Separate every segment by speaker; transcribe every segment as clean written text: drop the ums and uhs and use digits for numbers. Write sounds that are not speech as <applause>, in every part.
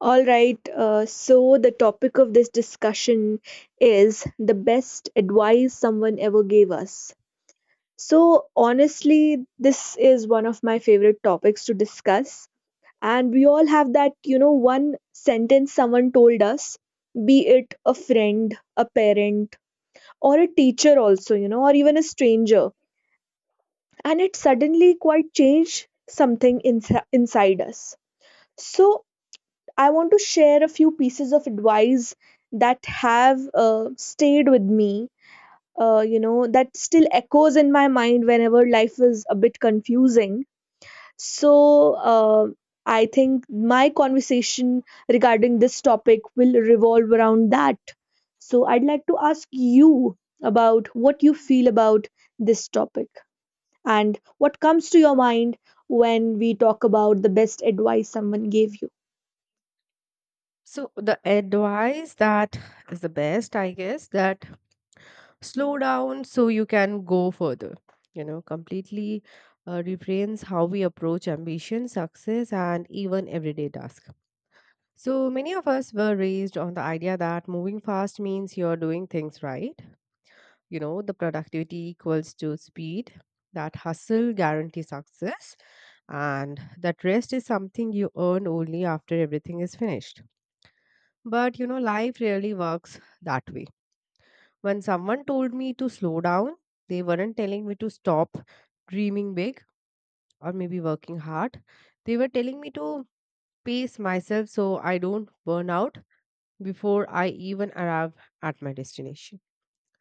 Speaker 1: All right, so the topic of this discussion is the best advice someone ever gave us. So, honestly, this is one of my favorite topics to discuss. And we all have that, you know, one sentence someone told us, be it a friend, a parent, or a teacher, also, you know, or even a stranger. And it suddenly quite changed something inside us. So, I want to share a few pieces of advice that have stayed with me, you know, that still echoes in my mind whenever life is a bit confusing. So, I think my conversation regarding this topic will revolve around that. So, I'd like to ask you about what you feel about this topic and what comes to your mind when we talk about the best advice someone gave you.
Speaker 2: So the advice that is the best, I guess, that slow down so you can go further. You know, completely reframes how we approach ambition, success, and even everyday tasks. So many of us were raised on the idea that moving fast means you're doing things right. You know, the productivity equals to speed. That hustle guarantees success, and that rest is something you earn only after everything is finished. But you know, life really works that way. When someone told me to slow down, they weren't telling me to stop dreaming big or maybe working hard. They were telling me to pace myself so I don't burn out before I even arrive at my destination.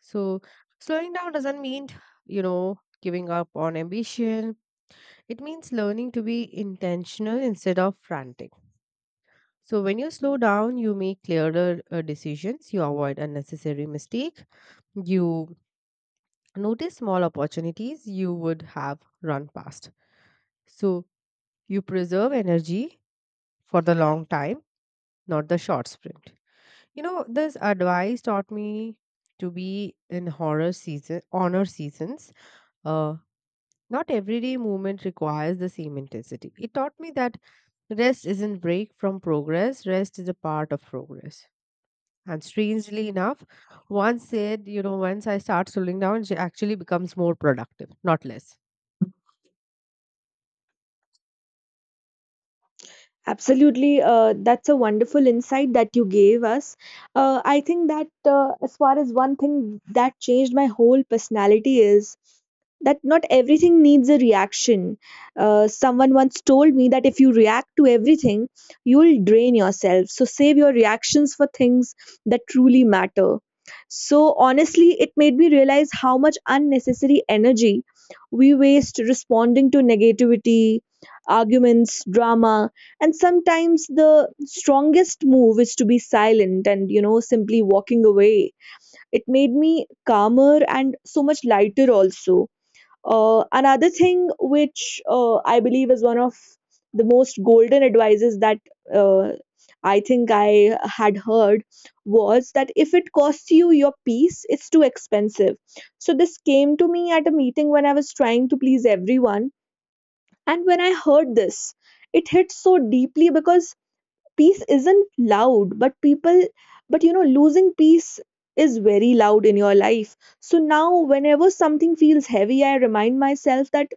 Speaker 2: So, slowing down doesn't mean, you know, giving up on ambition, it means learning to be intentional instead of frantic. So, when you slow down, you make clearer decisions, you avoid unnecessary mistakes. You notice small opportunities you would have run past. So you preserve energy for the long time, not the short sprint. You know, this advice taught me to be in horror season, honor seasons. Uh, Not everyday movement requires the same intensity. It taught me that rest isn't break from progress, rest is a part of progress. And strangely enough, once said, you know, once I start slowing down, she actually becomes more productive, not less.
Speaker 1: Absolutely, that's a wonderful insight that you gave us. I think that, as far as one thing that changed my whole personality is that not everything needs a reaction. Someone once told me that if you react to everything, you'll drain yourself. So save your reactions for things that truly matter. So honestly, it made me realize how much unnecessary energy we waste responding to negativity, arguments, drama, and sometimes the strongest move is to be silent and, you know, simply walking away. It made me calmer and so much lighter also. Another thing which I believe is one of the most golden advices that uh, I think I had heard was that if it costs you your peace, it's too expensive. So this came to me at a meeting when I was trying to please everyone, and when I heard this, it hit so deeply because peace isn't loud, but you know, losing peace is very loud in your life. So now whenever something feels heavy, I remind myself that,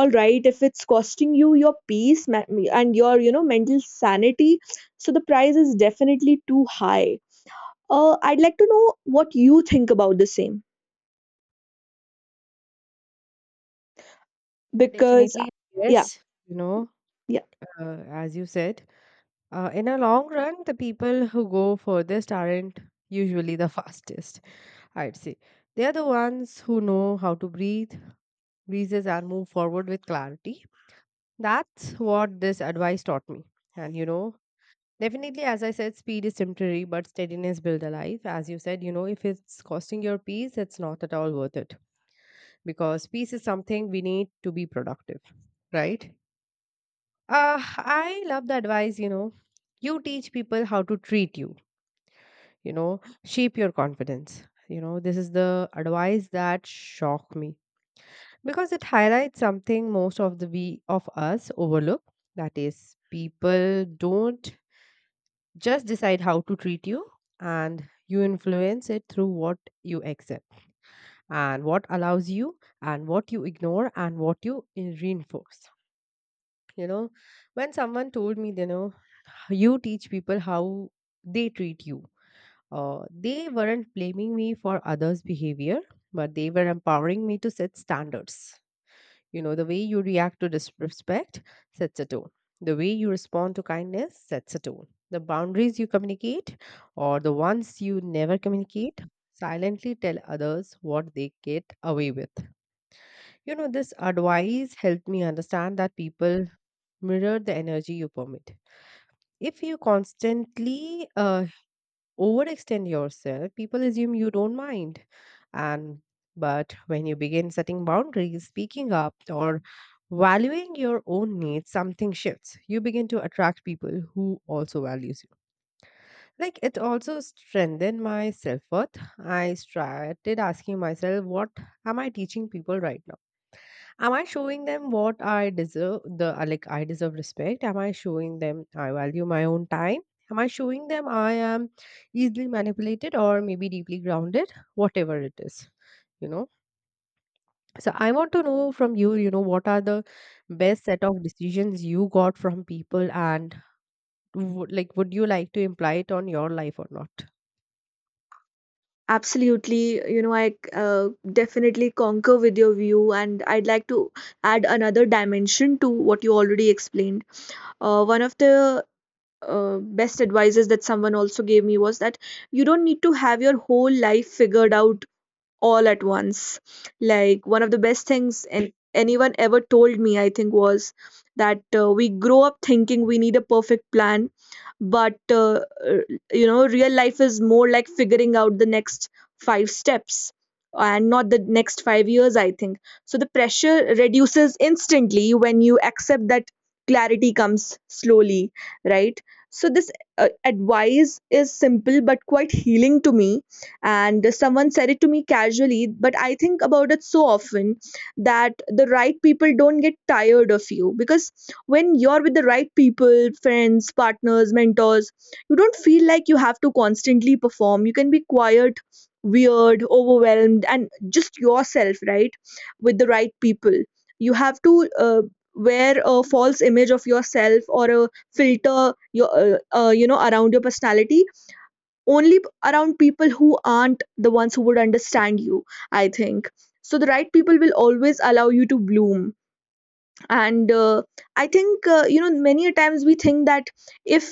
Speaker 1: all right, if it's costing you your peace and your, you know, mental sanity, so the price is definitely too high. I'd like to know what you think about the same. Because,
Speaker 2: Definitely,
Speaker 1: yeah,
Speaker 2: yes. You know,
Speaker 1: yeah.
Speaker 2: as you said, in a long run, the people who go furthest aren't usually the <laughs> fastest, I'd say. They are the ones who know how to breathe, breezes, and move forward with clarity. That's what this advice taught me. And, you know, definitely, as I said, speed is temporary, but steadiness builds a life. As you said, you know, if it's costing your peace, it's not at all worth it because peace is something we need to be productive, right? I love the advice, you know, you teach people how to treat you, you know, shape your confidence. You know, this is the advice that shocked me because it highlights something most of the we of us overlook. That is, people don't just decide how to treat you and you influence it through what you accept and what allows you and what you ignore and what you reinforce. You know, when someone told me, you know, you teach people how they treat you. They weren't blaming me for others' behavior, but they were empowering me to set standards. You know, the way you react to disrespect sets a tone. The way you respond to kindness sets a tone. The boundaries you communicate or the ones you never communicate silently tell others what they get away with. You know, this advice helped me understand that people mirror the energy you permit if you constantly overextend yourself, people assume you don't mind. And but when you begin setting boundaries, speaking up, or valuing your own needs, something shifts. You begin to attract people who also values you. Like it also strengthened my self worth. I started asking myself, what am I teaching people right now? Am I showing them what I deserve? The like I deserve respect. Am I showing them I value my own time? Am I showing them I am easily manipulated or maybe deeply grounded? Whatever it is, you know. So I want to know from you, you know, what are the best set of decisions you got from people, and like, would you like to imply it on your life or not?
Speaker 1: Absolutely, you know, I definitely concur with your view, and I'd like to add another dimension to what you already explained. One of the best advices that someone also gave me was that you don't need to have your whole life figured out all at once. Like one of the best things and anyone ever told me, I think, was that we grow up thinking we need a perfect plan, but uh, you know, real life is more like figuring out the next five steps and not the next 5 years, I think. So the pressure reduces instantly when you accept that clarity comes slowly, right? So this advice is simple but quite healing to me, and someone said it to me casually, but I think about it so often, that the right people don't get tired of you, because when you're with the right people, friends, partners, mentors, you don't feel like you have to constantly perform. You can be quiet, weird, overwhelmed, and just yourself, right? With the right people, you have to wear a false image of yourself, or a filter your you know, around your personality, only around people who aren't the ones who would understand you, I think. So the right people will always allow you to bloom. And I think, you know, many a times we think that if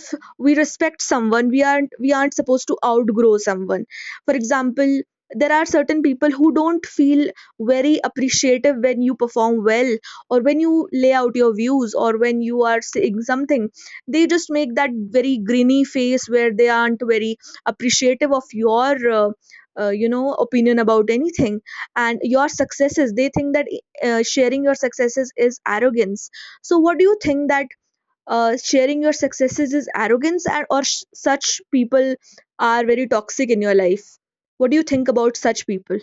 Speaker 1: we respect someone, we aren't supposed to outgrow someone, for example. There are certain people who don't feel very appreciative when you perform well, or when you lay out your views, or when you are saying something. They just make that very grinny face where they aren't very appreciative of your you know, opinion about anything. And your successes, they think that sharing your successes is arrogance. So what do you think that sharing your successes is arrogance, and or such people are very toxic in your life? What do you think about such people?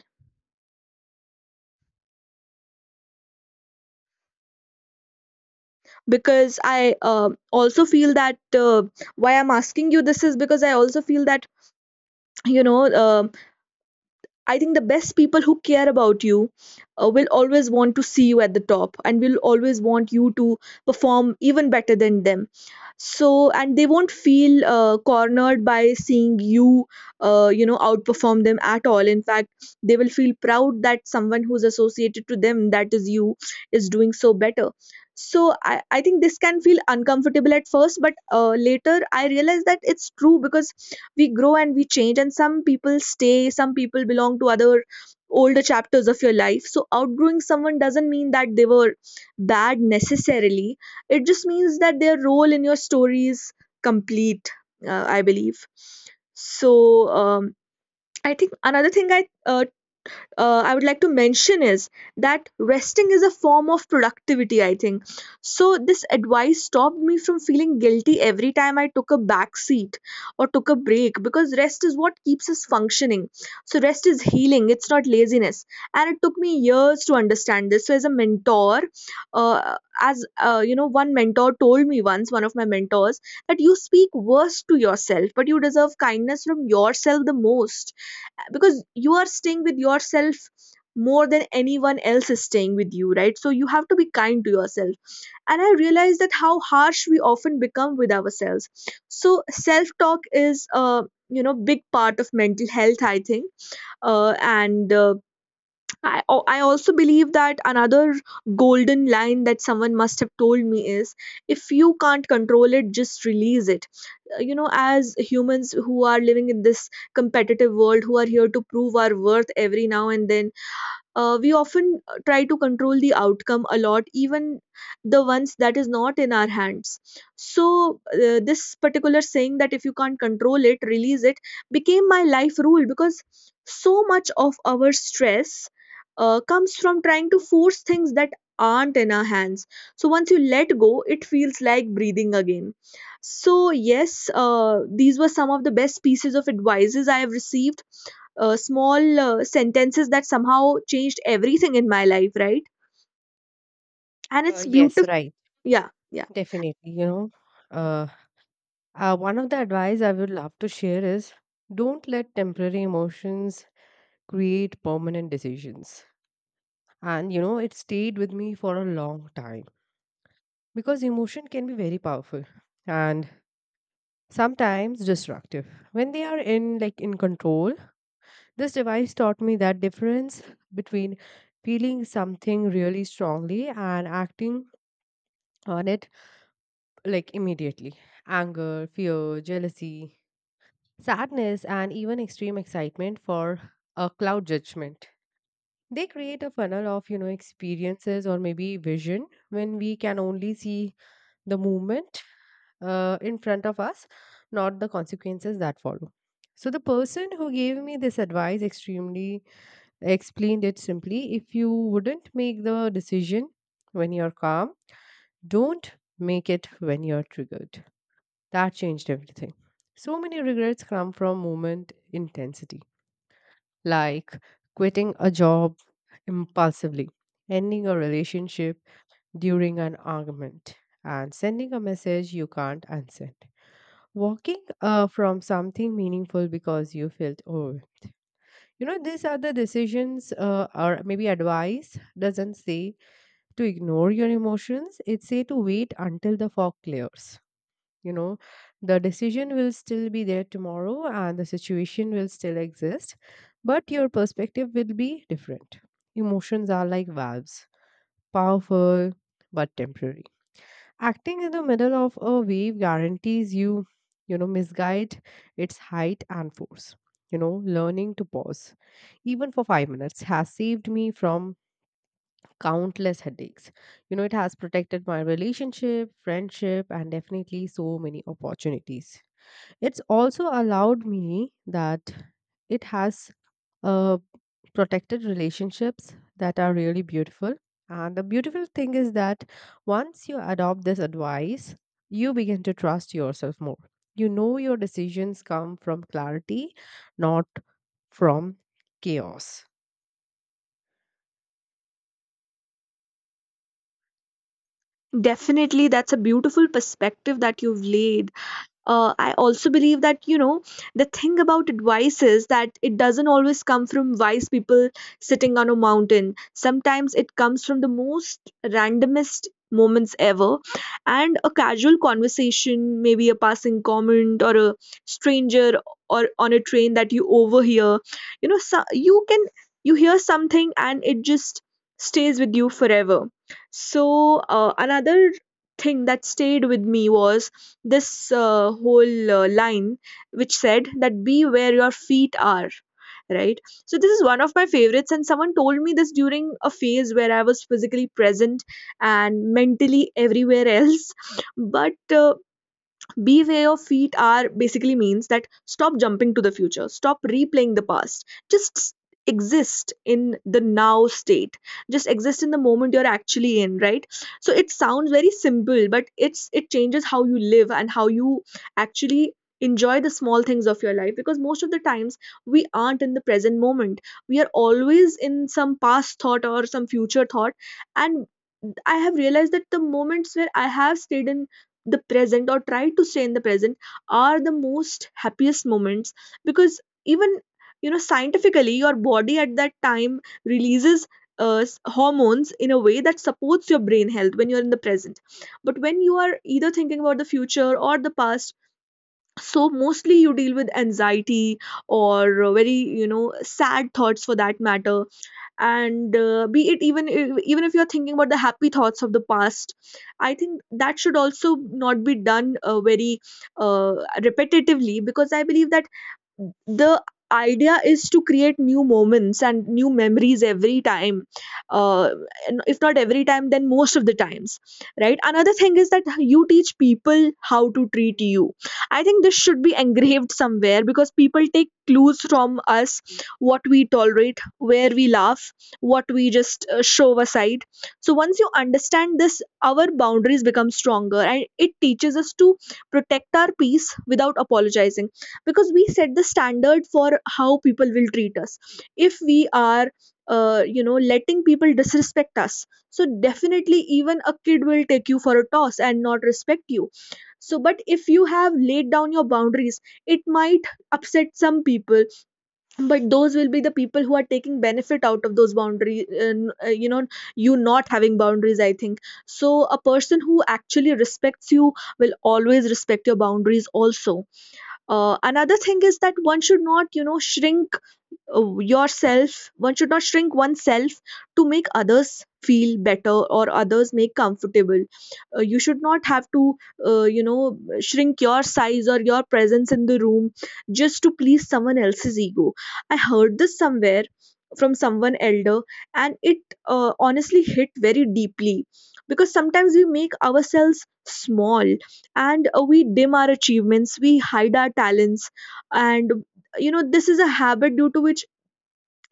Speaker 1: Because I also feel that, why I'm asking you this is because I also feel that, you know, I think the best people who care about you will always want to see you at the top, and will always want you to perform even better than them. So, and they won't feel cornered by seeing you, you know, outperform them at all. In fact, they will feel proud that someone who's associated to them, that is you, is doing so better. So, I think this can feel uncomfortable at first, but later I realized that it's true, because we grow and we change, and some people stay, some people belong to other older chapters of your life. So outgrowing someone doesn't mean that they were bad necessarily. It just means that their role in your story is complete, I believe. So um, I think another thing I would like to mention is that resting is a form of productivity, I think. So, this advice stopped me from feeling guilty every time I took a back seat or took a break, because rest is what keeps us functioning. So, rest is healing, it's not laziness. And it took me years to understand this. So, as a mentor, as you know, one mentor told me once, one of my mentors, that you speak worst to yourself, but you deserve kindness from yourself the most, because you are staying with yourself more than anyone else is staying with you, right? So you have to be kind to yourself. And I realized that how harsh we often become with ourselves. So self talk is a you know, big part of mental health, I think. And I also believe that another golden line that someone must have told me is, if you can't control it, just release it. You know, as humans who are living in this competitive world, who are here to prove our worth every now and then, we often try to control the outcome a lot, even the ones that is not in our hands. So this particular saying, that if you can't control it, release it, became my life rule, because so much of our stress comes from trying to force things that aren't in our hands. So once you let go, it feels like breathing again. So yes, these were some of the best pieces of advices I have received, small sentences that somehow changed everything in my life, right? And it's
Speaker 2: Yes,
Speaker 1: beautiful.
Speaker 2: right,
Speaker 1: Yeah, yeah.
Speaker 2: definitely. You know, uh, One of the advice I would love to share is don't let temporary emotions create permanent decisions. And you know, it stayed with me for a long time because emotion can be very powerful and sometimes destructive. When they are in like in control, this device taught me that difference between feeling something really strongly and acting on it like immediately. Anger, fear, jealousy, sadness, and even extreme excitement for a cloud judgment. They create a funnel of, you know, experiences or maybe vision when we can only see the movement in front of us, not the consequences that follow. So the person who gave me this advice extremely explained it simply. If you wouldn't make the decision when you're calm, don't make it when you're triggered. That changed everything. So many regrets come from moment intensity, like quitting a job impulsively, ending a relationship during an argument, and sending a message you can't unsend. Walking from something meaningful because you felt overwhelmed. You know, these are the decisions or maybe advice doesn't say to ignore your emotions. It say to wait until the fog clears, you know, the decision will still be there tomorrow and the situation will still exist, but your perspective will be different. Emotions are like valves, powerful but temporary. Acting in the middle of a wave guarantees you, you know, misguide its height and force. You know, learning to pause even for 5 minutes has saved me from countless headaches. You know, it has protected my relationship, friendship, and definitely so many opportunities. It's also allowed me that it has uh, protected relationships that are really beautiful. And the beautiful thing is that once you adopt this advice, you begin to trust yourself more. You know your decisions come from clarity, not from chaos.
Speaker 1: Definitely, that's a beautiful perspective that you've laid. I also believe that, you know, the thing about advice is that it doesn't always come from wise people sitting on a mountain. Sometimes it comes from the most randomest moments ever, and a casual conversation, maybe a passing comment, or a stranger, or on a train that you overhear, you know. So you hear something, and it just stays with you forever. So another thing that stayed with me was this whole line, which said that, be where your feet are, right? So this is one of my favorites, and someone told me this during a phase where I was physically present and mentally everywhere else <laughs> but beware your feet are basically means that, stop jumping to the future, stop replaying the past, just exist in the now state, just exist in the moment you're actually in, right? So it sounds very simple, but it changes how you live and how you actually enjoy the small things of your life, because most of the times we aren't in the present moment. We are always in some past thought or some future thought. And I have realized that the moments where I have stayed in the present or try to stay in the present are the most happiest moments, because even, you know, scientifically, your body at that time releases hormones in a way that supports your brain health when you're in the present. But when you are either thinking about the future or the past, so mostly you deal with anxiety or very, you know, sad thoughts for that matter. And be it even even if you're thinking about the happy thoughts of the past, I think that should also not be done very uh, repetitively, because I believe that the idea is to create new moments and new memories every time, uh, and if not every time, then most of the times. Right, another thing is that you teach people how to treat you. I think this should be engraved somewhere because people take clues from us, what we tolerate, where we laugh, what we just show aside. So once you understand this, our boundaries become stronger, and it teaches us to protect our peace without apologizing, because we set the standard for how people will treat us. If we are, you know, letting people disrespect us, so definitely even a kid will take you for a toss and not respect you. So but if you have laid down your boundaries, it might upset some people, but those will be the people who are taking benefit out of those boundaries. You know, you not having boundaries, I think. So a person who actually respects you will always respect your boundaries also. Another thing is that one should not, you know, shrink yourself. One should not shrink oneself to make others feel better or others make comfortable. You should not have to you know, shrink your size or your presence in the room just to please someone else's ego. I heard this somewhere from someone elder, and it honestly hit very deeply, because sometimes we make ourselves small, and we dim our achievements, we hide our talents. And you know, this is a habit due to which,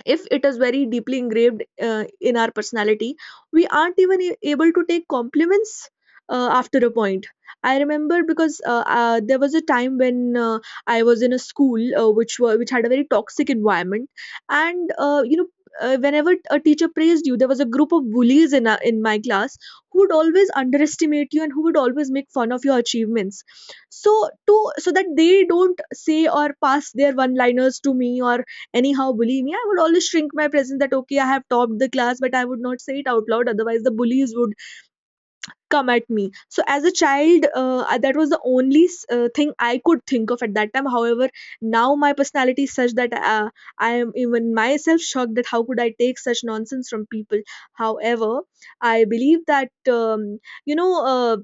Speaker 1: if it is very deeply engraved in our personality, we aren't even able to take compliments after a point. I remember, because there was a time when I was in a school which had a very toxic environment. And you know, whenever a teacher praised you, there was a group of bullies in my class who would always underestimate you and who would always make fun of your achievements. So to, so that they don't say or pass their one liners to me or anyhow bully me, I would always shrink my presence, that okay, I have topped the class, but I would not say it out loud, otherwise the bullies would come at me. So as a child, that was the only thing I could think of at that time. However, now my personality is such that I am even myself shocked that how could I take such nonsense from people. However, I believe that you know,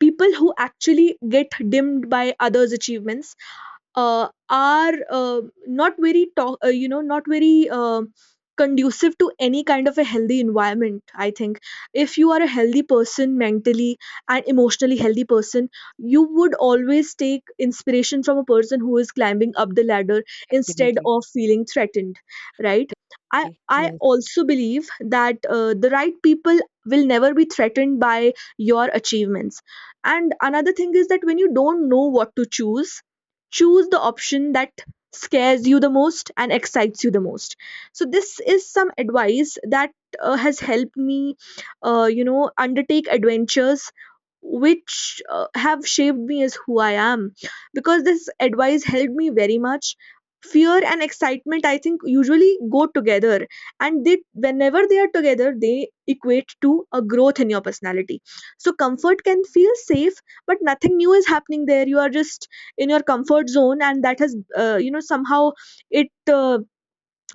Speaker 1: people who actually get dimmed by others achievements are not very talk, you know, not very conducive to any kind of a healthy environment. I think if you are a healthy person mentally, and emotionally healthy person, you would always take inspiration from a person who is climbing up the ladder, instead
Speaker 2: Definitely.
Speaker 1: of feeling threatened. Right, I
Speaker 2: Yes.
Speaker 1: also believe that the right people will never be threatened by your achievements. And another thing is that when you don't know what to choose, choose the option that scares you the most and excites you the most. So this is some advice that has helped me you know, undertake adventures which have shaped me as who I am, because this advice helped me very much. Fear and excitement, I think, usually go together, and they whenever they are together, they equate to a growth in your personality. So comfort can feel safe, but nothing new is happening there. You are just in your comfort zone, and that has you know, somehow, it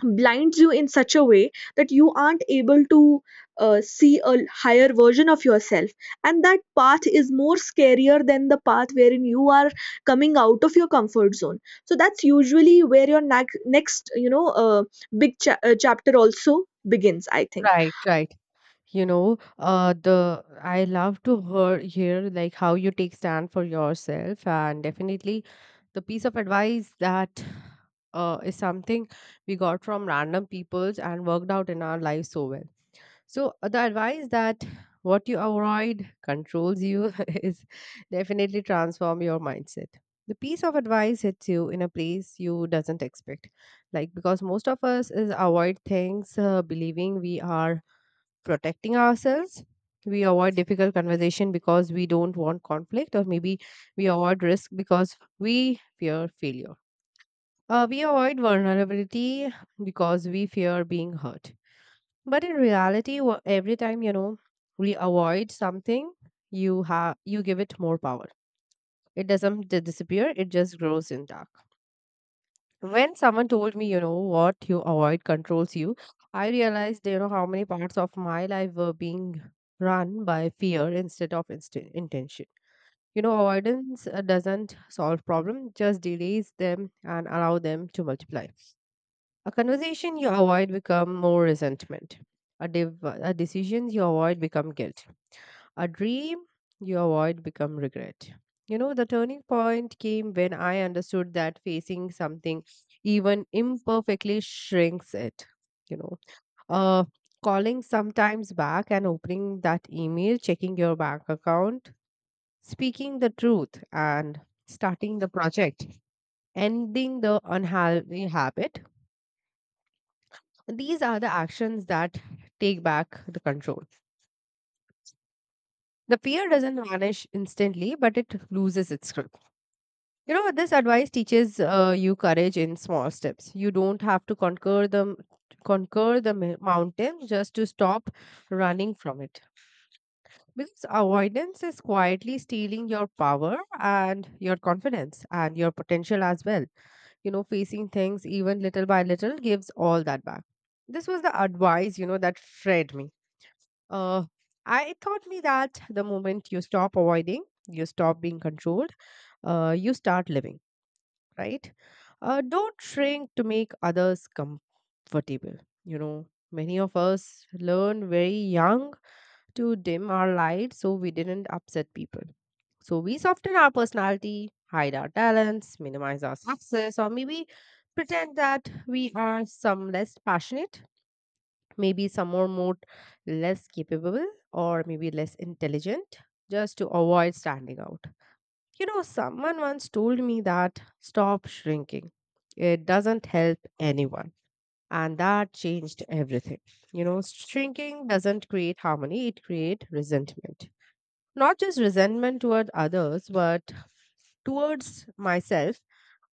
Speaker 1: blinds you in such a way that you aren't able to see a higher version of yourself, and that path is more scarier than the path wherein you are coming out of your comfort zone. So that's usually where your next you know, chapter also begins, I think.
Speaker 2: Right, right. You know, the I love to hear like how you take stand for yourself, and definitely the piece of advice that is something we got from random peoples and worked out in our lives so well. So the advice that what you avoid controls you <laughs> is definitely transform your mindset. The piece of advice hits you in a place you doesn't expect, like because most of us is avoid things believing we are protecting ourselves. We avoid difficult conversation because we don't want conflict, or maybe we avoid risk because we fear failure. We avoid vulnerability because we fear being hurt. But in reality, every time, you know, we avoid something, you give it more power. It doesn't disappear; it just grows in dark. When someone told me, you know, what you avoid controls you, I realized, you know, how many parts of my life were being run by fear instead of intention. You know, avoidance doesn't solve problems; just delays them and allow them to multiply. A conversation you avoid become more resentment. A decisions you avoid become guilt, a dream you avoid become regret. You know, the turning point came when I understood that facing something even imperfectly shrinks it. You know, uh, calling sometimes back and opening that email, checking your bank account, speaking the truth, and starting the project, ending the unhealthy habit. These are the actions that take back the control. The fear doesn't vanish instantly, but it loses its grip. You know, this advice teaches you courage in small steps. You don't have to conquer the mountain just to stop running from it. Because avoidance is quietly stealing your power and your confidence and your potential as well. You know, facing things even little by little gives all that back. This was the advice, you know, that freed me. Uh, I it taught me that the moment you stop avoiding, you stop being controlled, you start living, right? Don't shrink to make others comfortable. You know, many of us learn very young to dim our light so we didn't upset people. So we soften our personality, hide our talents, minimize our success, or maybe pretend that we are some less passionate, maybe some more, more less capable, or maybe less intelligent just to avoid standing out. You know, someone once told me that stop shrinking. It doesn't help anyone. And that changed everything. You know, shrinking doesn't create harmony, it creates resentment. Not just resentment toward others, but towards myself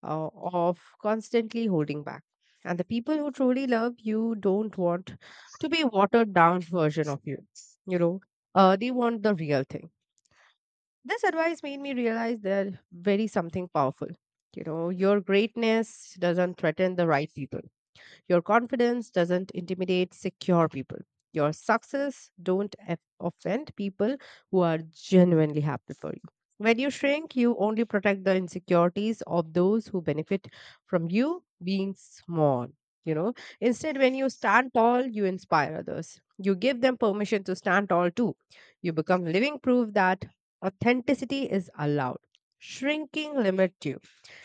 Speaker 2: of constantly holding back. And the people who truly love you don't want to be watered down version of you. You know, they want the real thing. This advice made me realize that very something powerful. You know, your greatness doesn't threaten the right people. Your confidence doesn't intimidate secure people. Your success don't offend people who are genuinely happy for you. When you shrink, you only protect the insecurities of those who benefit from you being small. You know, instead, when you stand tall, you inspire others. You give them permission to stand tall too. You become living proof that authenticity is allowed. Shrinking limits you.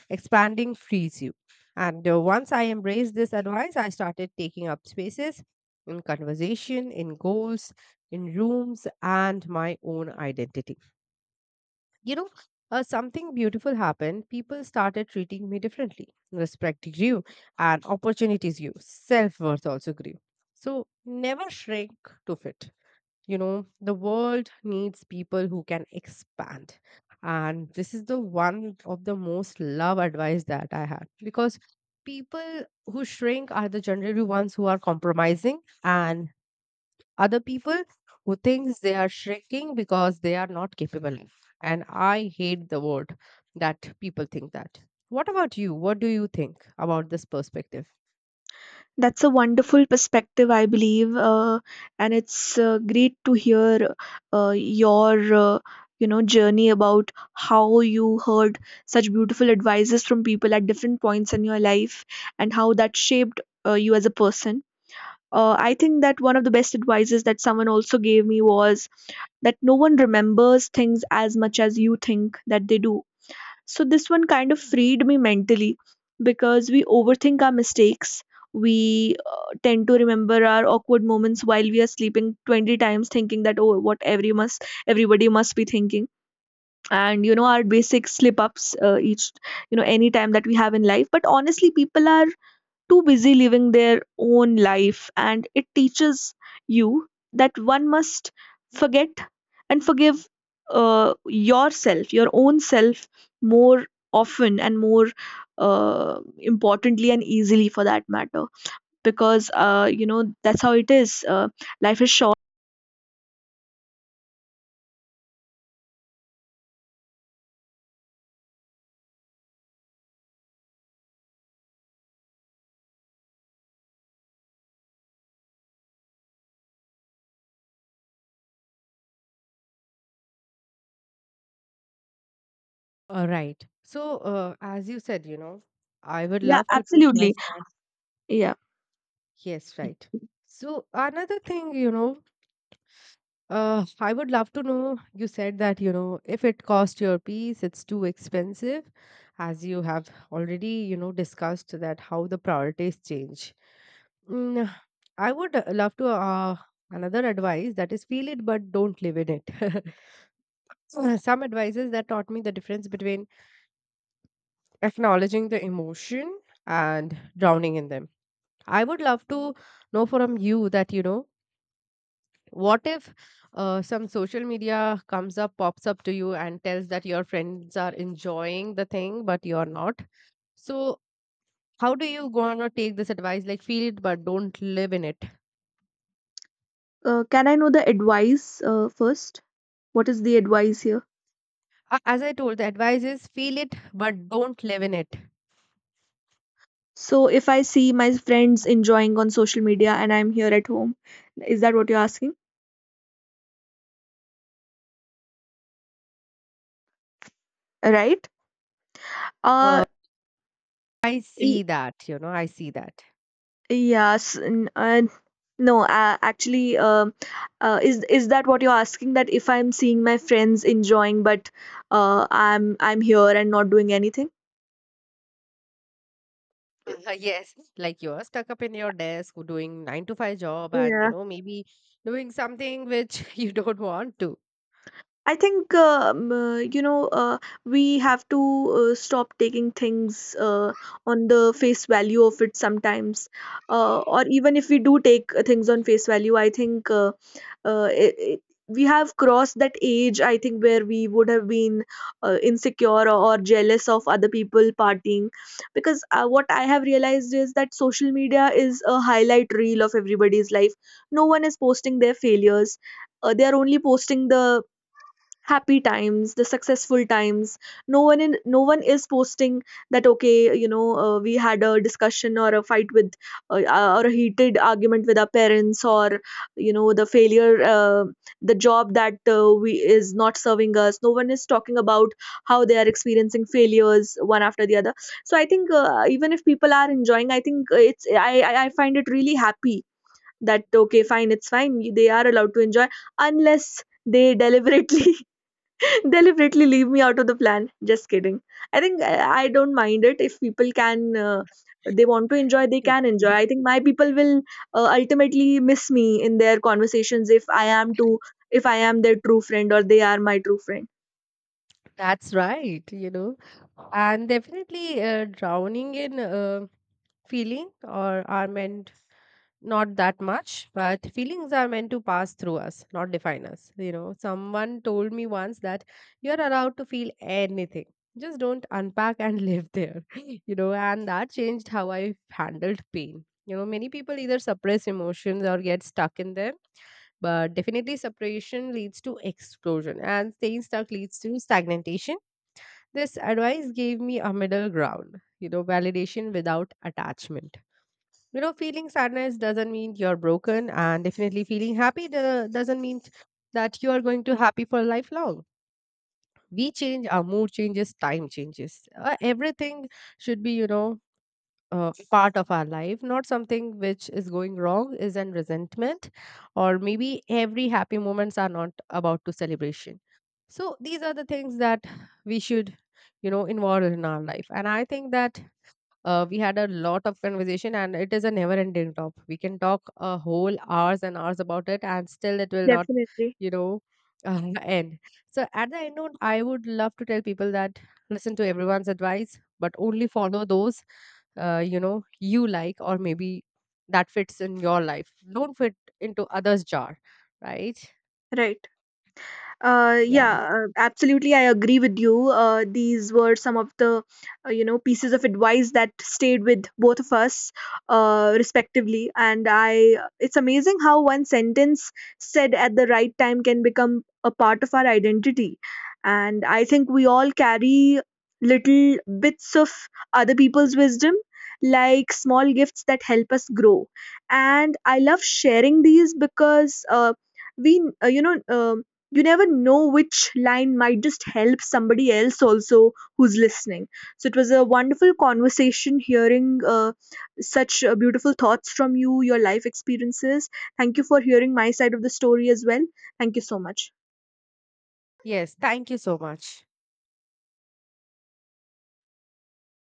Speaker 2: Expanding frees you. And once I embraced this advice, I started taking up spaces in conversation, in goals, in rooms, and my own identity. You know, something beautiful happened. People started treating me differently. Respect grew, and opportunities grew. Self worth also grew. So never shrink to fit. The world needs people who can expand. And this is the one of the most love advice that I had because people who shrink are the generally ones who are compromising and other people who thinks they are shrinking because they are not capable of. And I hate the word that people think that. What about you? What do you think about this perspective?
Speaker 1: That's a wonderful perspective, I believe, and it's great to hear uh, your uh, you know, journey about how you heard such beautiful advices from people at different points in your life, and how that shaped you as a person. I think that one of the best advices that someone also gave me was that no one remembers things as much as you think that they do. So this one kind of freed me mentally, because we overthink our mistakes. We tend to remember our awkward moments while we are sleeping 20 times, thinking that, oh, what everybody must be thinking, and you know, our basic slip ups, each, you know, any time that we have in life. But honestly, people are too busy living their own life. And it teaches you that one must forget and forgive yourself, your own self, more often and more importantly and easily for that matter. Because, you know, that's how it is. Life is short.
Speaker 2: All right. So, as you said, I would
Speaker 1: Yeah,
Speaker 2: love to take my
Speaker 1: absolutely.
Speaker 2: son.
Speaker 1: Yeah.
Speaker 2: Yes, right. So, another thing, I would love to know. You said that, if it costs your piece, it's too expensive, as you have already, discussed that how the priorities change. Mm, I would love to another advice that is feel it but don't live in it. <laughs> So, some advisors that taught me the difference between acknowledging the emotion and drowning in them. I would love to know from you that, what if some social media comes up, pops up to you, and tells that your friends are enjoying the thing, but you're not? So, how do you go on or take this advice? Like, feel it, but don't live in it.
Speaker 1: Can I know the advice first? What is the advice here?
Speaker 2: As I told, the advice is feel it, but don't live in it.
Speaker 1: So if I see my friends enjoying on social media and I'm here at home, is that what you're asking? Right?
Speaker 2: Uh,
Speaker 1: Uh,
Speaker 2: I
Speaker 1: y-
Speaker 2: see that, I see that.
Speaker 1: yes. No, actually, is that what you're asking? That if I'm seeing my friends enjoying, but I'm here and not doing anything?
Speaker 2: <laughs> Yes, like you're stuck up in your desk doing 9 to 5 job and
Speaker 1: Yeah.
Speaker 2: maybe doing something which <laughs> you don't want to.
Speaker 1: I think you know, we have to stop taking things on the face value of it sometimes, or even if we do take things on face value, I think, uh, it, it, we have crossed that age. I think where we would have been insecure or jealous of other people partying, because what I have realized is that social media is a highlight reel of everybody's life. No one is posting their failures. They are only posting the happy times, the successful times. No one is posting that, okay, you know, we had a discussion or a fight with or a heated argument with our parents, or you know, the failure, the job that we is not serving us. No one is talking about how they are experiencing failures one after the other. So I think even if people are enjoying, I think it's I find it really happy that okay, fine, it's fine, they are allowed to enjoy, unless they deliberately <laughs> deliberately leave me out of the plan. Just kidding. I think I don't mind it if people can. They want to enjoy, they
Speaker 2: <laughs>
Speaker 1: can enjoy.
Speaker 2: Yeah,
Speaker 1: I think my people will ultimately miss me in their conversations if I am to if I am their true friend or they are my true friend.
Speaker 2: that's right, and definitely drowning in feeling or are meant not that much, but feelings are meant to pass through us, not define us. You know, someone told me once that you're allowed to feel anything, just don't unpack and live there. <laughs> You know, and that changed how I handled pain. You know, many people either suppress emotions or get stuck in them, but definitely separation leads to explosion and staying stuck leads to stagnation. This advice gave me a middle ground, validation without attachment. Feeling sadness doesn't mean you're broken, and definitely feeling doesn't mean that you are going to happy for lifelong. We change, our mood changes, time changes. Everything should be, part of our life, not something which is going wrong, is an resentment, or maybe every happy moments are not about to celebration. So these are the things that we should, involve in our life. And I think that we had a lot of conversation, and it is a never-ending top. We can talk a whole hours and hours about it, and still it will not,
Speaker 1: Definitely,
Speaker 2: you know, <laughs> end. So at the end note, I would love to tell people that listen to everyone's advice, but only follow those, you like or maybe that fits in your life. Don't fit into others' jar, right?
Speaker 1: right.
Speaker 2: Yeah.
Speaker 1: Yeah, absolutely, I agree with you. These were some of the, you know, pieces of advice that stayed with both of us, respectively. And I, it's amazing how one sentence said at the right time can become a part of our identity. And I think we all carry little bits of other people's wisdom, like small gifts that help us grow. And I love sharing these because, you know, you never know which line might just help somebody else also who's listening. So it was a wonderful conversation hearing such beautiful thoughts from you, your life experiences. Thank you for hearing my side of the story as well. Thank you so much.
Speaker 2: Yes. Thank you so much.